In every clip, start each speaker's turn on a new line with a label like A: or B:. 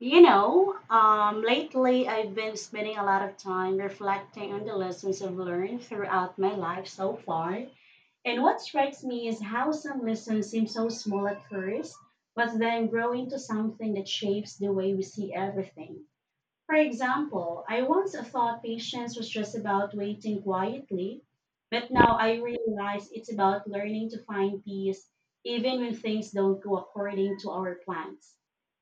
A: Lately I've been spending a lot of time reflecting on the lessons I've learned throughout my life so far. And what strikes me is how some lessons seem so small at first, but then grow into something that shapes the way we see everything. For example, I once thought patience was just about waiting quietly, but now I realize it's about learning to find peace even when things don't go according to our plans.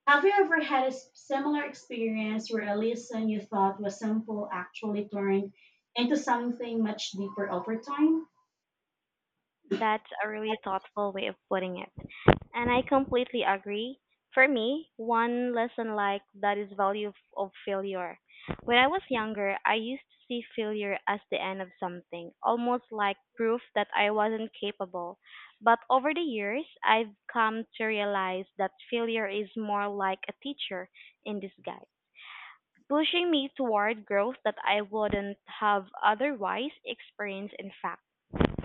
A: Have you ever had a similar experience where a lesson you thought was simple actually turned into something much deeper over time?
B: That's a really thoughtful way of putting it. And I completely agree. For me, one lesson like that is value of failure. When I was younger, I used to see failure as the end of something, almost like proof that I wasn't capable. But over the years, I've come to realize that failure is more like a teacher in disguise, pushing me toward growth that I wouldn't have otherwise experienced in fact.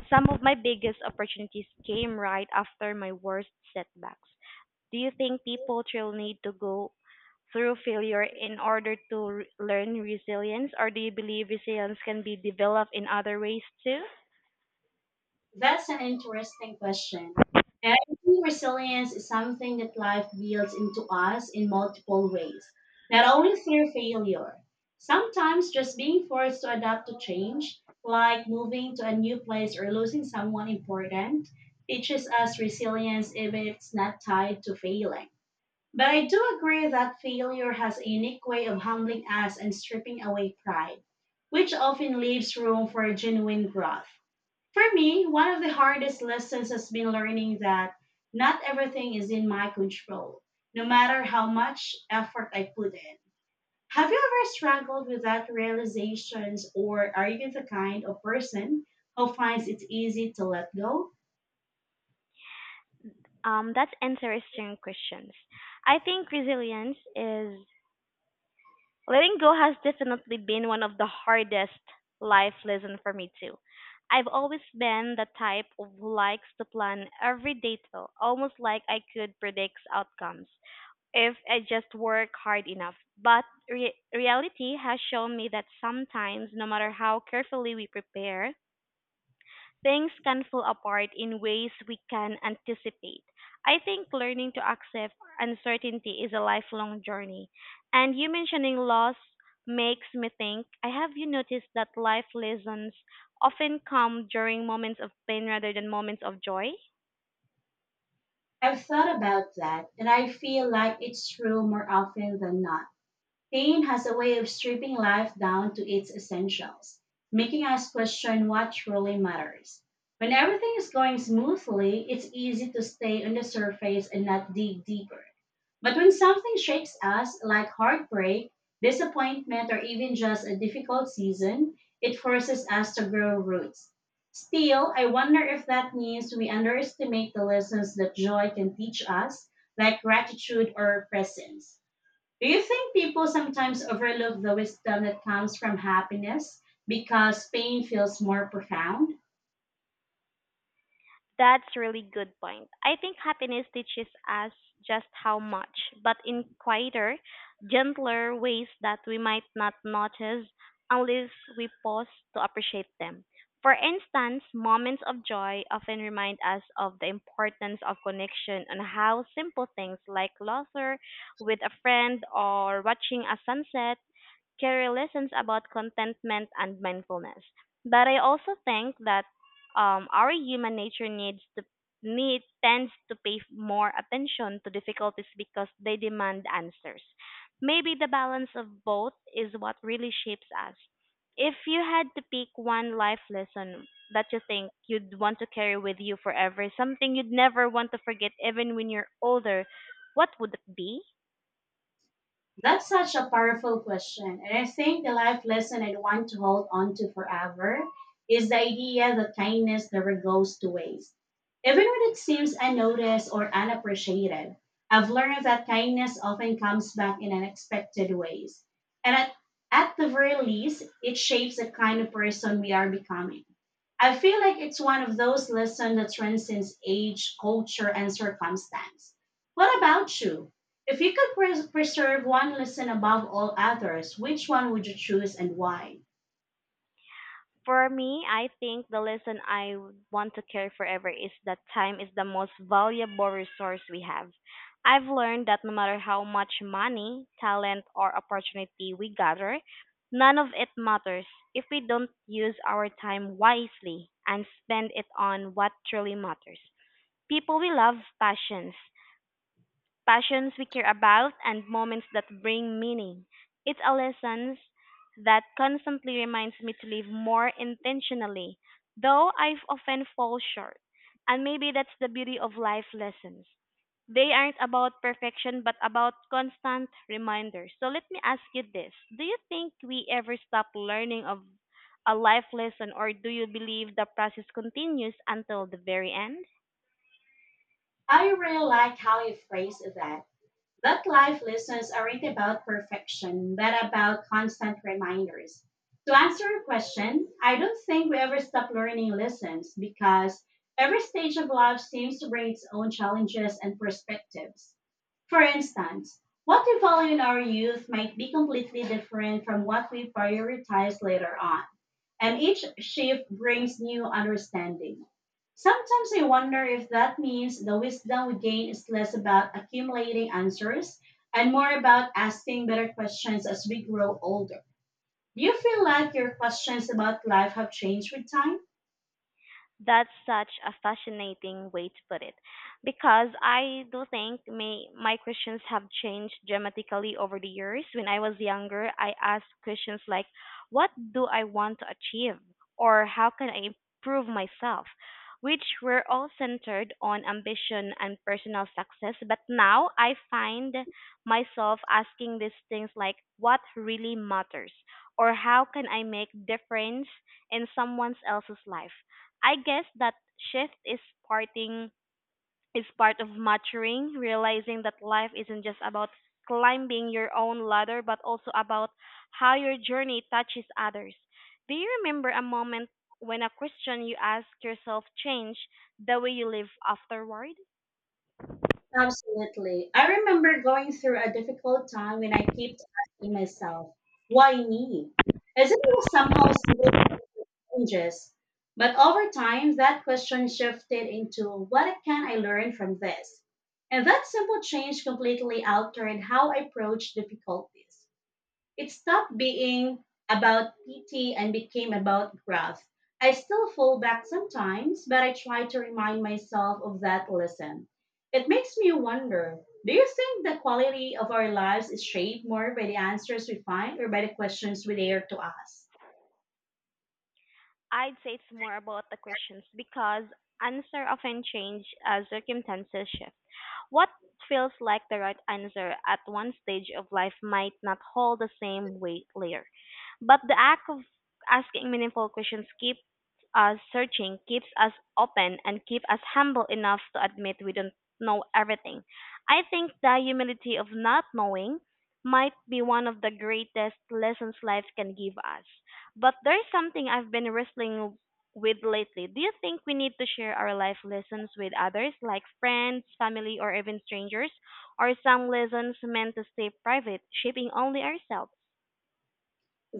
B: Some of my biggest opportunities came right after my worst setbacks. Do you think people still need to go through failure in order to learn resilience, or do you believe resilience can be developed in other ways too?
A: That's an interesting question. And I think resilience is something that life builds into us in multiple ways, not only through failure. Sometimes just being forced to adapt to change, like moving to a new place or losing someone important, teaches us resilience even if it's not tied to failing. But I do agree that failure has a unique way of humbling us and stripping away pride, which often leaves room for genuine growth. For me, one of the hardest lessons has been learning that not everything is in my control, no matter how much effort I put in. Have you ever struggled with that realizations, or are you the kind of person who finds it easy to let go?
B: That's interesting questions. I think resilience is letting go has definitely been one of the hardest life lessons for me too. I've always been the type of who likes to plan every detail, almost like I could predict outcomes if I just work hard enough. But reality has shown me that sometimes, no matter how carefully we prepare, things can fall apart in ways we can anticipate. I think learning to accept uncertainty is a lifelong journey. And you mentioning loss makes me think I have you noticed that life lessons often come during moments of pain rather than moments of joy?
A: I've thought about that, and I feel like it's true more often than not. Pain has a way of stripping life down to its essentials, making us question what truly matters. When everything is going smoothly, it's easy to stay on the surface and not dig deeper. But when something shakes us, like heartbreak, disappointment, or even just a difficult season, it forces us to grow roots. Still, I wonder if that means we underestimate the lessons that joy can teach us, like gratitude or presence. Do you think people sometimes overlook the wisdom that comes from happiness because pain feels more profound?
B: That's really good point. I think happiness teaches us just how much, but in quieter, gentler ways that we might not notice unless we pause to appreciate them. For instance, moments of joy often remind us of the importance of connection and how simple things like laughter with a friend or watching a sunset carry lessons about contentment and mindfulness. But I also think that our human nature needs to need tends to pay more attention to difficulties because they demand answers. Maybe the balance of both is what really shapes us. If you had to pick one life lesson that you think you'd want to carry with you forever, something you'd never want to forget even when you're older, what would it be?
A: That's such a powerful question. And I think the life lesson I'd want to hold on to forever is the idea that kindness never goes to waste. Even when it seems unnoticed or unappreciated, I've learned that kindness often comes back in unexpected ways. And at, at the very least, it shapes the kind of person we are becoming. I feel like it's one of those lessons that transcends age, culture, and circumstance. What about you? If you could preserve one lesson above all others, which one would you choose and why?
B: For me, I think the lesson I would want to carry forever is that time is the most valuable resource we have. I've learned that no matter how much money, talent, or opportunity we gather, none of it matters if we don't use our time wisely and spend it on what truly matters. People we love, passions, passions we care about, and moments that bring meaning. It's a lesson that constantly reminds me to live more intentionally, though I've often fall short. And maybe that's the beauty of life lessons. They aren't about perfection, but about constant reminders. So let me ask you this. Do you think we ever stop learning of a life lesson, or do you believe the process continues until the very end?
A: I really like how you phrased that. That life lessons aren't about perfection, but about constant reminders. To answer your question, I don't think we ever stop learning lessons because every stage of life seems to bring its own challenges and perspectives. For instance, what we value in our youth might be completely different from what we prioritize later on, and each shift brings new understanding. Sometimes I wonder if that means the wisdom we gain is less about accumulating answers and more about asking better questions as we grow older. Do you feel like your questions about life have changed with time?
B: That's such a fascinating way to put it, because I do think my questions have changed dramatically over the years. When I was younger, I asked questions like, "What do I want to achieve?" or "How can I improve myself?" Which were all centered on ambition and personal success. But now I find myself asking these things like, "What really matters?" or "How can I make difference in someone else's life?" I guess that shift is parting part of maturing, realizing that life isn't just about climbing your own ladder but also about how your journey touches others. Do you remember a moment when a question you ask yourself changed the way you live afterward?
A: Absolutely. I remember going through a difficult time when I kept asking myself, why me? As if it was somehow simple challenges. But over time, that question shifted into, what can I learn from this? And that simple change completely altered how I approach difficulties. It stopped being about pity and became about growth. I still fall back sometimes, but I try to remind myself of that lesson. It makes me wonder, do you think the quality of our lives is shaped more by the answers we find or by the questions we dare to ask?
B: I'd say it's more about the questions because answer often change as circumstances shift. What feels like the right answer at one stage of life might not hold the same weight later. But the act of asking meaningful questions keeps us searching, keeps us open, and keeps us humble enough to admit we don't know everything. I think the humility of not knowing might be one of the greatest lessons life can give us. But there's something I've been wrestling with lately. Do you think we need to share our life lessons with others, like friends, family, or even strangers? Are some lessons meant to stay private, shaping only ourselves?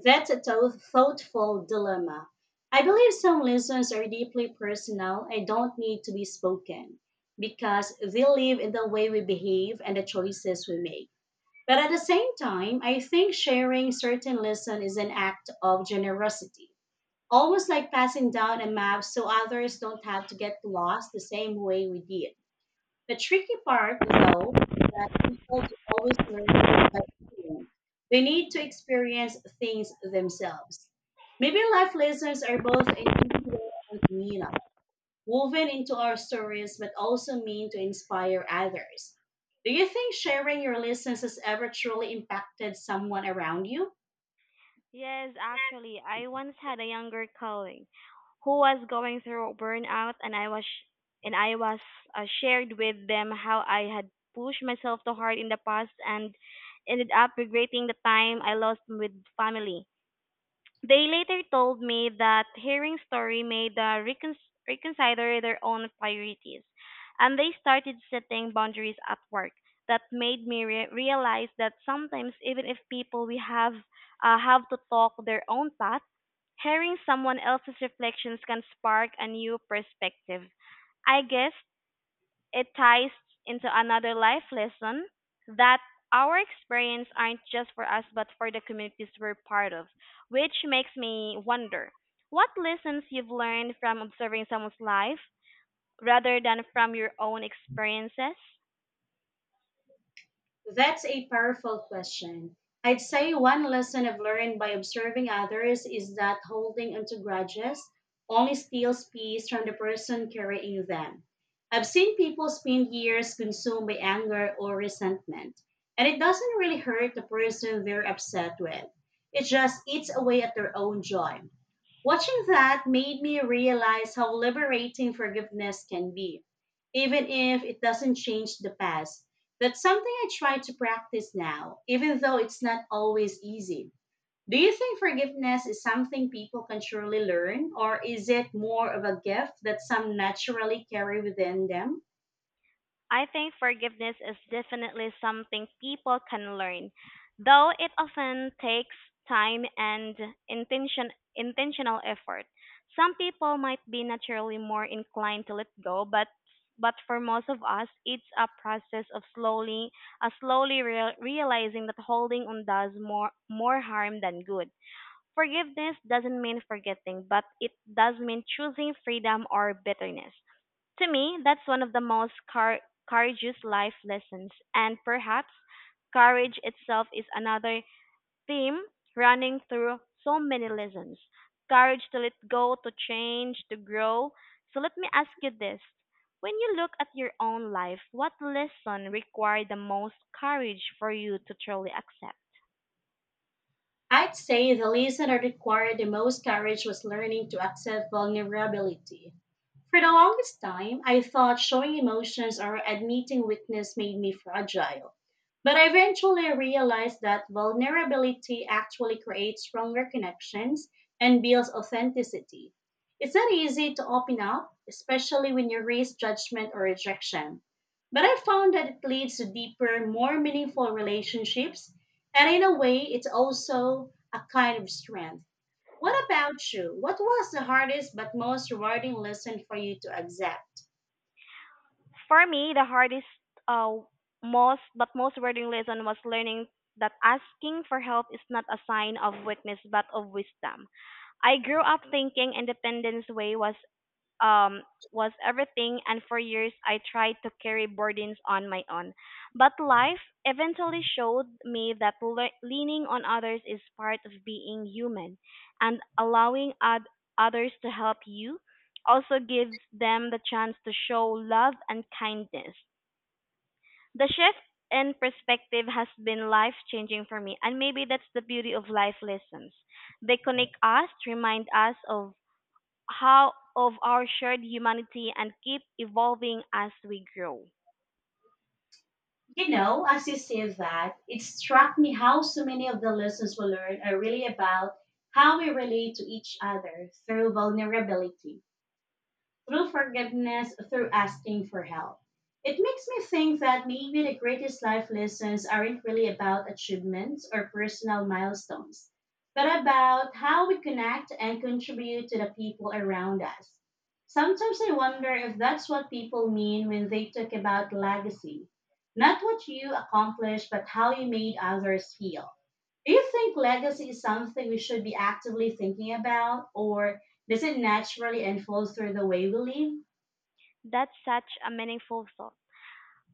A: That's a thoughtful dilemma. I believe some lessons are deeply personal and don't need to be spoken because they live in the way we behave and the choices we make. But at the same time, I think sharing certain lesson is an act of generosity. Almost like passing down a map so others don't have to get lost the same way we did. The tricky part, though, is that people don't always learn this by doing. They need to experience things themselves. Maybe life lessons are both individual and communal, woven into our stories, but also mean to inspire others. Do you think sharing your lessons has ever truly impacted someone around you?
B: Yes, actually, I once had a younger colleague who was going through burnout, and I was shared with them how I had pushed myself too hard in the past and ended up regretting the time I lost with family. They later told me that hearing story made the reconsider their own priorities, and they started setting boundaries at work. That made me realize that sometimes, even if people we have to talk their own path, hearing someone else's reflections can spark a new perspective. I guess it ties into another life lesson that our experience aren't just for us but for the communities we're part of, which makes me wonder what lessons you've learned from observing someone's life rather than from your own experiences?
A: That's a powerful question. I'd say one lesson I've learned by observing others is that holding onto grudges only steals peace from the person carrying them. I've seen people spend years consumed by anger or resentment, and it doesn't really hurt the person they're upset with. It just eats away at their own joy. Watching that made me realize how liberating forgiveness can be, even if it doesn't change the past. That's something I try to practice now, even though it's not always easy. Do you think forgiveness is something people can truly learn, or is it more of a gift that some naturally carry within them?
B: I think forgiveness is definitely something people can learn, though it often takes time and intention, intentional effort. Some people might be naturally more inclined to let go, but for most of us, it's a process of slowly realizing that holding on does more harm than good. Forgiveness doesn't mean forgetting, but it does mean choosing freedom or bitterness. To me, that's one of the most courageous life lessons, and perhaps courage itself is another theme running through so many lessons. Courage to let go, to change, to grow. So let me ask you this. When you look at your own life, what lesson required the most courage for you to truly accept?
A: I'd say the lesson that required the most courage was learning to accept vulnerability. For the longest time, I thought showing emotions or admitting weakness made me fragile. But I eventually realized that vulnerability actually creates stronger connections and builds authenticity. It's not easy to open up, especially when you risk judgment or rejection. But I found that it leads to deeper, more meaningful relationships, and in a way, it's also a kind of strength. What about you? What was the hardest but most rewarding lesson for you to accept?
B: For me, the hardest, uh, most but most rewarding lesson was learning that asking for help is not a sign of weakness but of wisdom. I grew up thinking independence way um, was everything, and for years I tried to carry burdens on my own. But life eventually showed me that leaning on others is part of being human, and allowing others to help you also gives them the chance to show love and kindness. The shift in perspective has been life changing for me, and maybe that's the beauty of life lessons. They connect us, remind us of how of our shared humanity and keep evolving as we grow.
A: You know, as you say that, it struck me how so many of the lessons we learn are really about how we relate to each other through vulnerability, through forgiveness, through asking for help. It makes me think that maybe the greatest life lessons aren't really about achievements or personal milestones, but about how we connect and contribute to the people around us. Sometimes I wonder if that's what people mean when they talk about legacy. Not what you accomplished, but how you made others feel. Do you think legacy is something we should be actively thinking about, or doesn't naturally and flows through the way we live?
B: That's such a meaningful thought.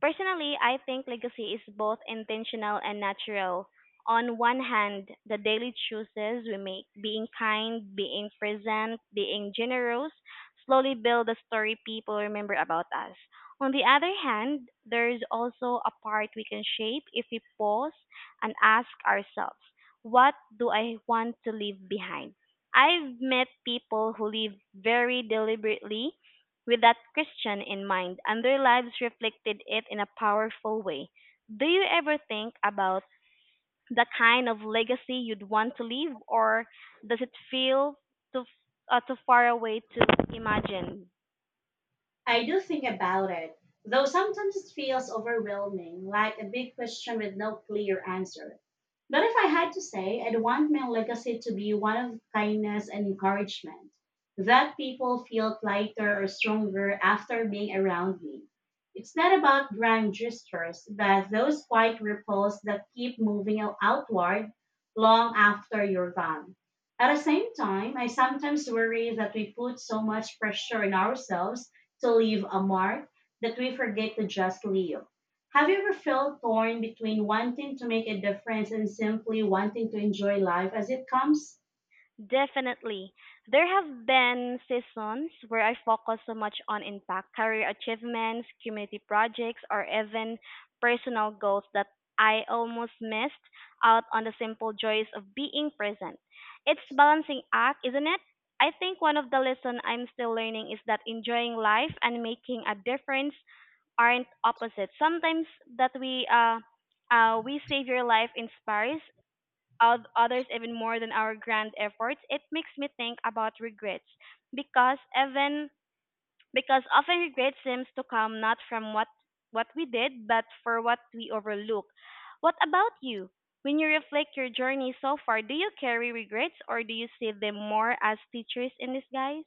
B: Personally, I think legacy is both intentional and natural. On one hand, the daily choices we make, being kind, being present, being generous, slowly build the story people remember about us. On the other hand, there is also a part we can shape if we pause and ask ourselves, what do I want to leave behind? I've met people who live very deliberately with that question in mind, and their lives reflected it in a powerful way. Do you ever think about the kind of legacy you'd want to leave, or does it feel too, too far away to imagine?
A: I do think about it, though sometimes it feels overwhelming, like a big question with no clear answer. But if I had to say, I'd want my legacy to be one of kindness and encouragement, that people feel lighter or stronger after being around me. It's not about grand gestures, but those quiet ripples that keep moving outward long after you're gone. At the same time, I sometimes worry that we put so much pressure on ourselves to leave a mark that we forget to just live. Have you ever felt torn between wanting to make a difference and simply wanting to enjoy life as it comes?
B: Definitely. There have been seasons where I focus so much on impact, career achievements, community projects, or even personal goals that I almost missed out on the simple joys of being present. It's balancing act, isn't it? I think one of the lessons I'm still learning is that enjoying life and making a difference aren't opposite. Sometimes that we save your life inspires others even more than our grand efforts. It makes me think about regrets because even because often regret seems to come not from what we did but for what we overlook. What about you? When you reflect your journey so far, do you carry regrets or do you see them more as teachers in disguise?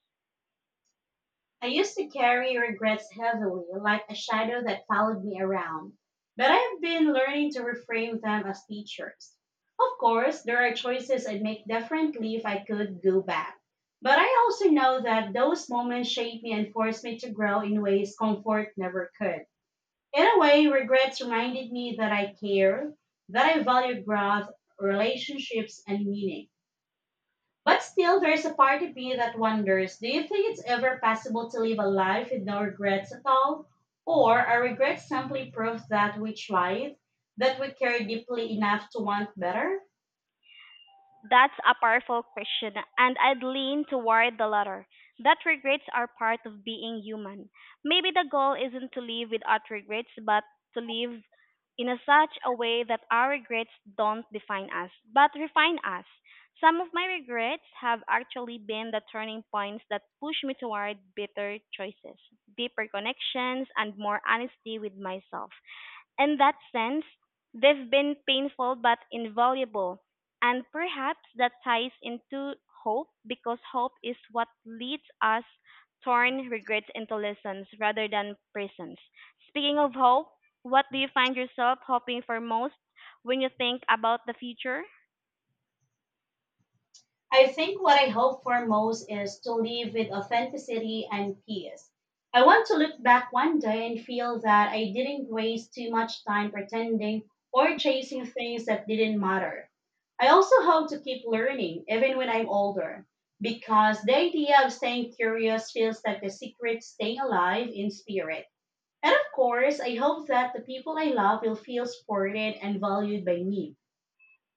A: I used to carry regrets heavily, like a shadow that followed me around, but I've been learning to reframe them as teachers. Of course, there are choices I'd make differently if I could go back, but I also know that those moments shaped me and forced me to grow in ways comfort never could. In a way, regrets reminded me that I care, that I value growth, relationships, and meaning. But still, there's a part of me that wonders, do you think it's ever possible to live a life with no regrets at all? Or are regrets simply proof that we tried, that we care deeply enough to want better?
B: That's a powerful question, and I'd lean toward the latter. That regrets are part of being human. Maybe the goal isn't to live without regrets, but to live in a such a way that our regrets don't define us, but refine us. Some of my regrets have actually been the turning points that push me toward better choices, deeper connections, and more honesty with myself. In that sense, they've been painful but invaluable. And perhaps that ties into hope because hope is what leads us torn regrets into lessons rather than prisons. Speaking of hope, what do you find yourself hoping for most when you think about the future?
A: I think what I hope for most is to live with authenticity and peace. I want to look back one day and feel that I didn't waste too much time pretending or chasing things that didn't matter. I also hope to keep learning even when I'm older because the idea of staying curious feels like the secret to staying alive in spirit. And of course, I hope that the people I love will feel supported and valued by me.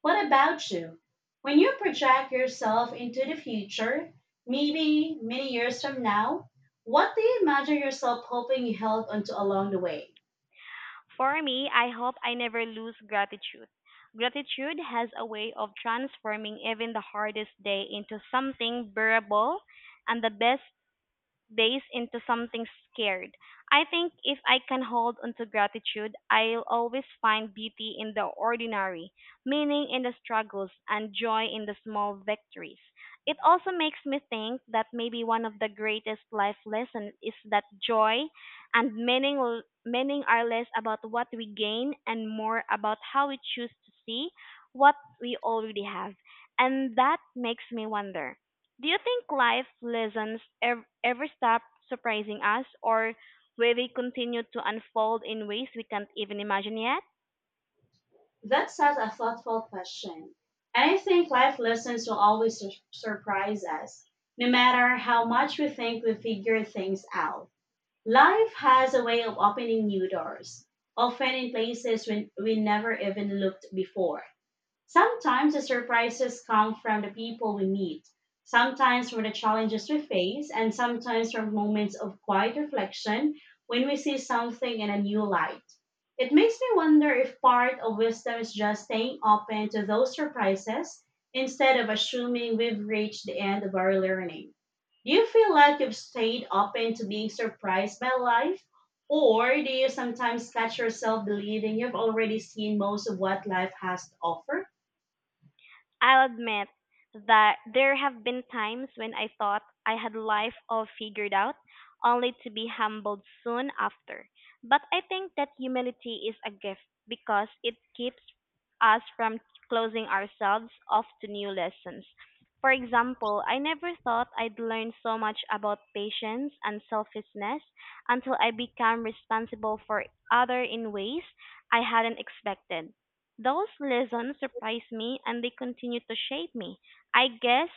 A: What about you? When you project yourself into the future, maybe many years from now, what do you imagine yourself hoping you held onto along the way?
B: For me, I hope I never lose gratitude. Gratitude has a way of transforming even the hardest day into something bearable and the best days into something scared. I think if I can hold onto gratitude, I'll always find beauty in the ordinary, meaning in the struggles, and joy in the small victories. It also makes me think that maybe one of the greatest life lessons is that joy and meaning are less about what we gain and more about how we choose to see what we already have. And that makes me wonder, do you think life lessons ever stop surprising us, or will they continue to unfold in ways we can't even imagine yet?
A: That's such a thoughtful question. And I think life lessons will always surprise us, no matter how much we think we figure things out. Life has a way of opening new doors, often in places when we never even looked before. Sometimes the surprises come from the people we meet, sometimes from the challenges we face, and sometimes from moments of quiet reflection when we see something in a new light. It makes me wonder if part of wisdom is just staying open to those surprises instead of assuming we've reached the end of our learning. Do you feel like you've stayed open to being surprised by life? Or do you sometimes catch yourself believing you've already seen most of what life has to offer?
B: I'll admit that there have been times when I thought I had life all figured out, only to be humbled soon after. But I think that humility is a gift because it keeps us from closing ourselves off to new lessons. For example, I never thought I'd learn so much about patience and selfishness until I became responsible for other in ways I hadn't expected. Those lessons surprised me, and they continue to shape me. I guess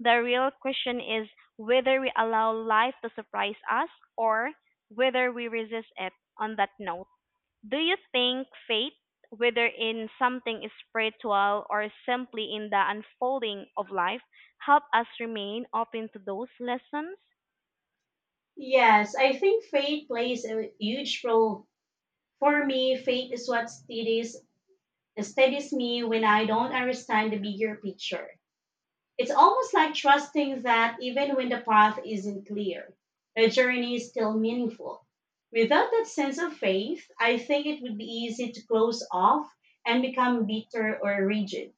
B: the real question is whether we allow life to surprise us or whether we resist it. On that note, do you think fate, whether in something spiritual or simply in the unfolding of life, help us remain open to those lessons?
A: Yes, I think faith plays a huge role. For me, faith is what steadies me when I don't understand the bigger picture. It's almost like trusting that even when the path isn't clear, the journey is still meaningful. Without that sense of faith, I think it would be easy to close off and become bitter or rigid.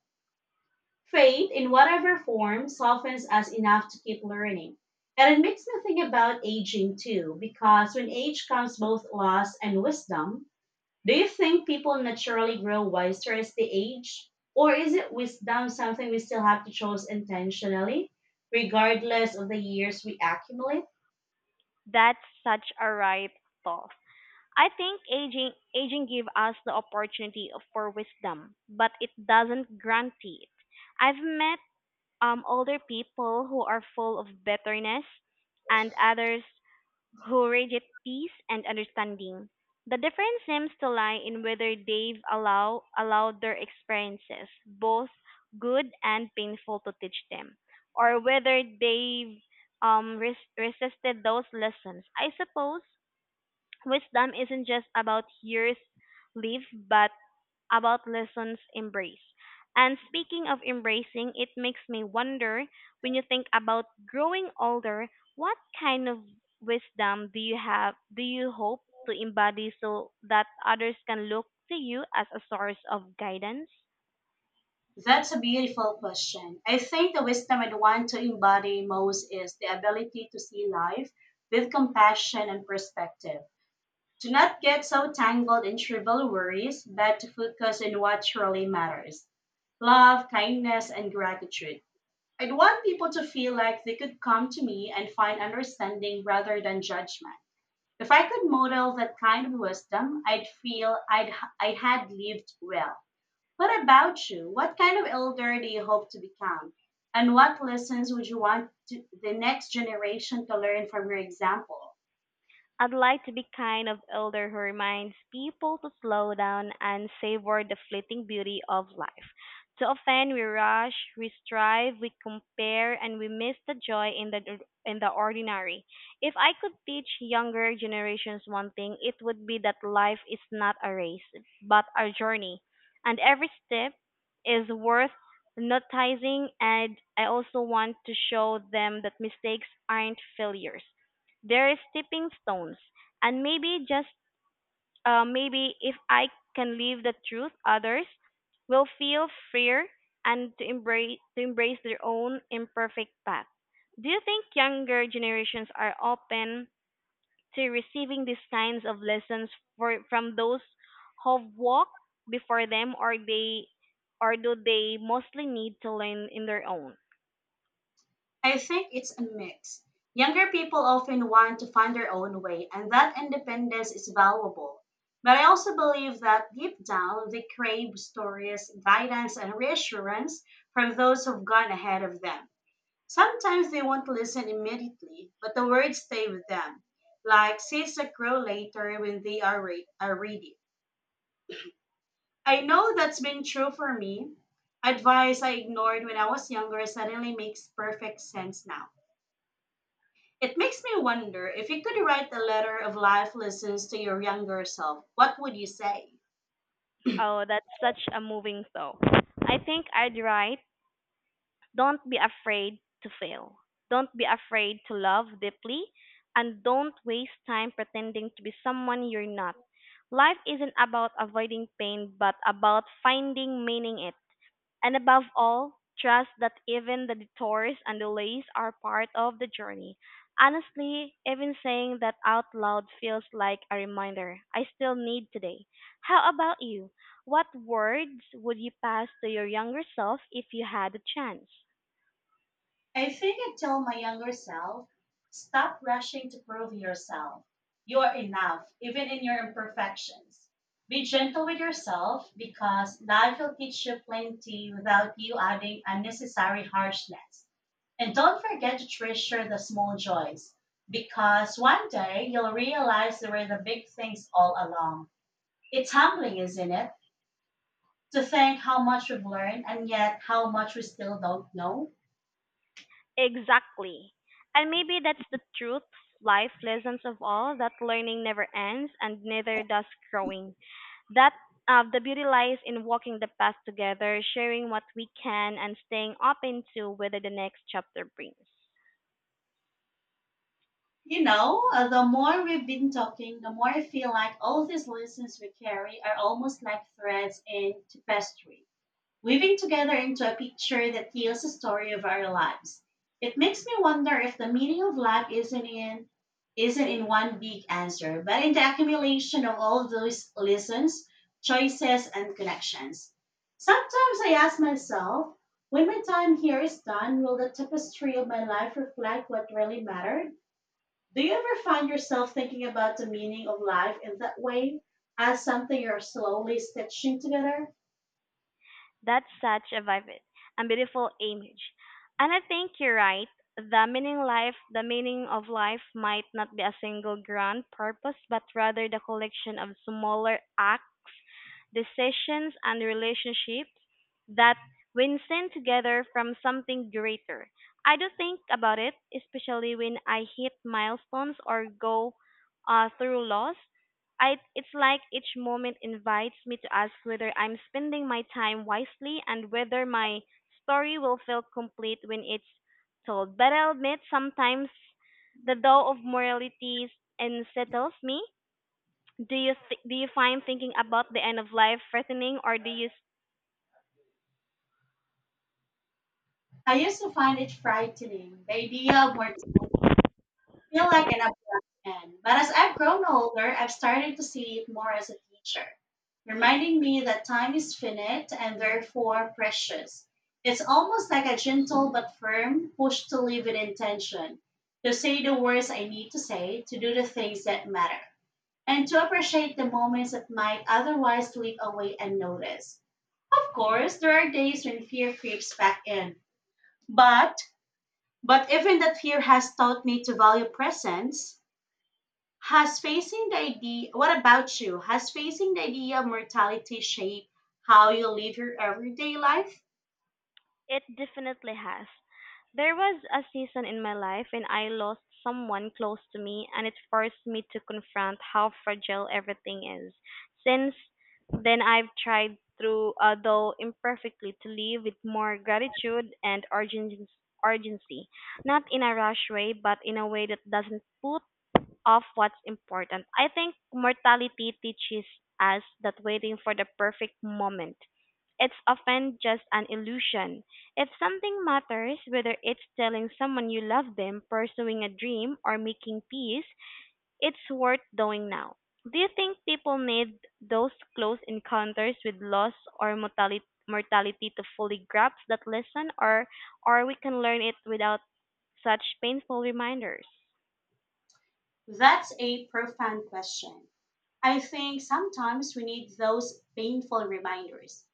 A: Faith, in whatever form, softens us enough to keep learning. And it makes me think about aging too, because when age comes both loss and wisdom, do you think people naturally grow wiser as they age? Or is it wisdom something we still have to choose intentionally, regardless of the years we accumulate?
B: That's such a right thought. I think aging give us the for wisdom, but it doesn't guarantee it. I've met older people who are full of bitterness and others who reject peace and understanding. The difference seems to lie in whether they've allowed their experiences, both good and painful, to teach them, or whether they've resisted those lessons. I suppose wisdom isn't just about years lived, but about lessons embraced. And speaking of embracing, it makes me wonder, when you think about growing older, what kind of wisdom do you hope to embody so that others can look to you as a source of guidance?
A: That's a beautiful question. I think the wisdom I'd want to embody most is the ability to see life with compassion and perspective. Do not get so tangled in trivial worries, but to focus on what truly matters: love, kindness, and gratitude. I'd want people to feel like they could come to me and find understanding rather than judgment. If I could model that kind of wisdom, I'd feel I had lived well. What about you? What kind of elder do you hope to become? And what lessons would you want to, the next generation to learn from your example?
B: I'd like to be kind of elder who reminds people to slow down and savor the fleeting beauty of life. Too often we rush, we strive, we compare, and we miss the joy in the ordinary. If I could teach younger generations one thing, it would be that life is not a race, but a journey, and every step is worth noticing. And I also want to show them that mistakes aren't failures, there is tipping stones, and maybe just maybe if I can live the truth, others will feel freer and to embrace their own imperfect path. Do you think younger generations are open to receiving these kinds of lessons from those who've walked before them, or do they mostly need to learn in their own?
A: I think it's a mix. Younger people often want to find their own way, and that independence is valuable. But I also believe that deep down, they crave stories, guidance, and reassurance from those who've gone ahead of them. Sometimes they won't listen immediately, but the words stay with them, like seeds that grow later when are ready. I know that's been true for me. Advice I ignored when I was younger suddenly makes perfect sense now. It makes me wonder if you could write a letter of life lessons to your younger self, what would you say?
B: Oh, that's such a moving thought. I think I'd write, don't be afraid to fail. Don't be afraid to love deeply. And don't waste time pretending to be someone you're not. Life isn't about avoiding pain, but about finding meaning in it. And above all, trust that even the detours and delays are part of the journey. Honestly, even saying that out loud feels like a reminder I still need today. How about you? What words would you pass to your younger self if you had a chance?
A: I think I tell my younger self, stop rushing to prove yourself. You are enough, even in your imperfections. Be gentle with yourself because life will teach you plenty without you adding unnecessary harshness. And don't forget to treasure the small joys because one day you'll realize there were the big things all along. It's humbling, isn't it? To think how much we've learned and yet how much we still don't know.
B: Exactly. And maybe that's the truth, life lessons of all, that learning never ends and neither does growing. That the beauty lies in walking the path together, sharing what we can and staying open to whether the next chapter brings.
A: The more we've been talking, the more I feel like all these lessons we carry are almost like threads in tapestry, weaving together into a picture that tells a story of our lives. It makes me wonder if the meaning of life isn't in one big answer, but in the accumulation of all those lessons, choices, and connections. Sometimes I ask myself, when my time here is done, will the tapestry of my life reflect what really mattered? Do you ever find yourself thinking about the meaning of life in that way, as something you're slowly stitching together?
B: That's such a vivid and beautiful image. And I think you're right. The meaning of life might not be a single grand purpose, but rather the collection of smaller acts, decisions, and relationships that, when seen together, from something greater. I do think about it, especially when I hit milestones or go through loss. I, it's like each moment invites me to ask whether I'm spending my time wisely and whether my story will feel complete when it's told. But I'll admit, sometimes the dough of morality unsettles me. Do you find thinking about the end of life threatening, or do you?
A: I used to find it frightening, the idea of mortality, feel like an abrupt end. But as I've grown older, I've started to see it more as a teacher, reminding me that time is finite and therefore precious. It's almost like a gentle but firm push to live with intention, to say the words I need to say, to do the things that matter, and to appreciate the moments that might otherwise slip away unnoticed. Of course, there are days when fear creeps back in, but even that fear has taught me to value presence. Has facing the idea, What about you? Has facing the idea of mortality shaped how you live your everyday life?
B: It definitely has. There was a season in my life when I lost someone close to me, and it forced me to confront how fragile everything is. Since then, I've tried through, although imperfectly, to live with more gratitude and urgency. Not in a rush way, but in a way that doesn't put of what's important. I think mortality teaches us that waiting for the perfect moment, it's often just an illusion. If something matters, whether it's telling someone you love them, pursuing a dream, or making peace, it's worth doing now. Do you think people need those close encounters with loss or mortality to fully grasp that lesson, or we can learn it without such painful reminders?
A: That's a profound question. I think sometimes we need those painful reminders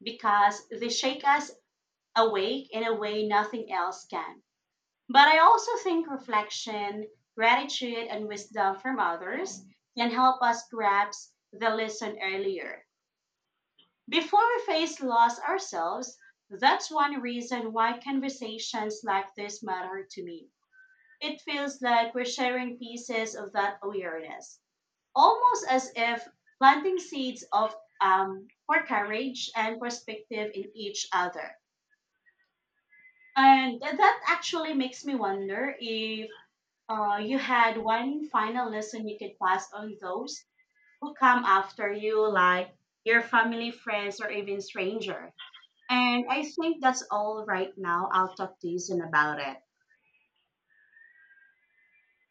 A: because they shake us awake in a way nothing else can. But I also think reflection, gratitude, and wisdom from others can help us grasp the lesson earlier. Before we face loss ourselves, that's one reason why conversations like this matter to me. It feels like we're sharing pieces of that awareness almost as if planting seeds of for courage and perspective in each other. And that actually makes me wonder if you had one final lesson you could pass on those who come after you, like your family, friends, or even stranger. And I think that's all right now. I'll talk to you soon about it.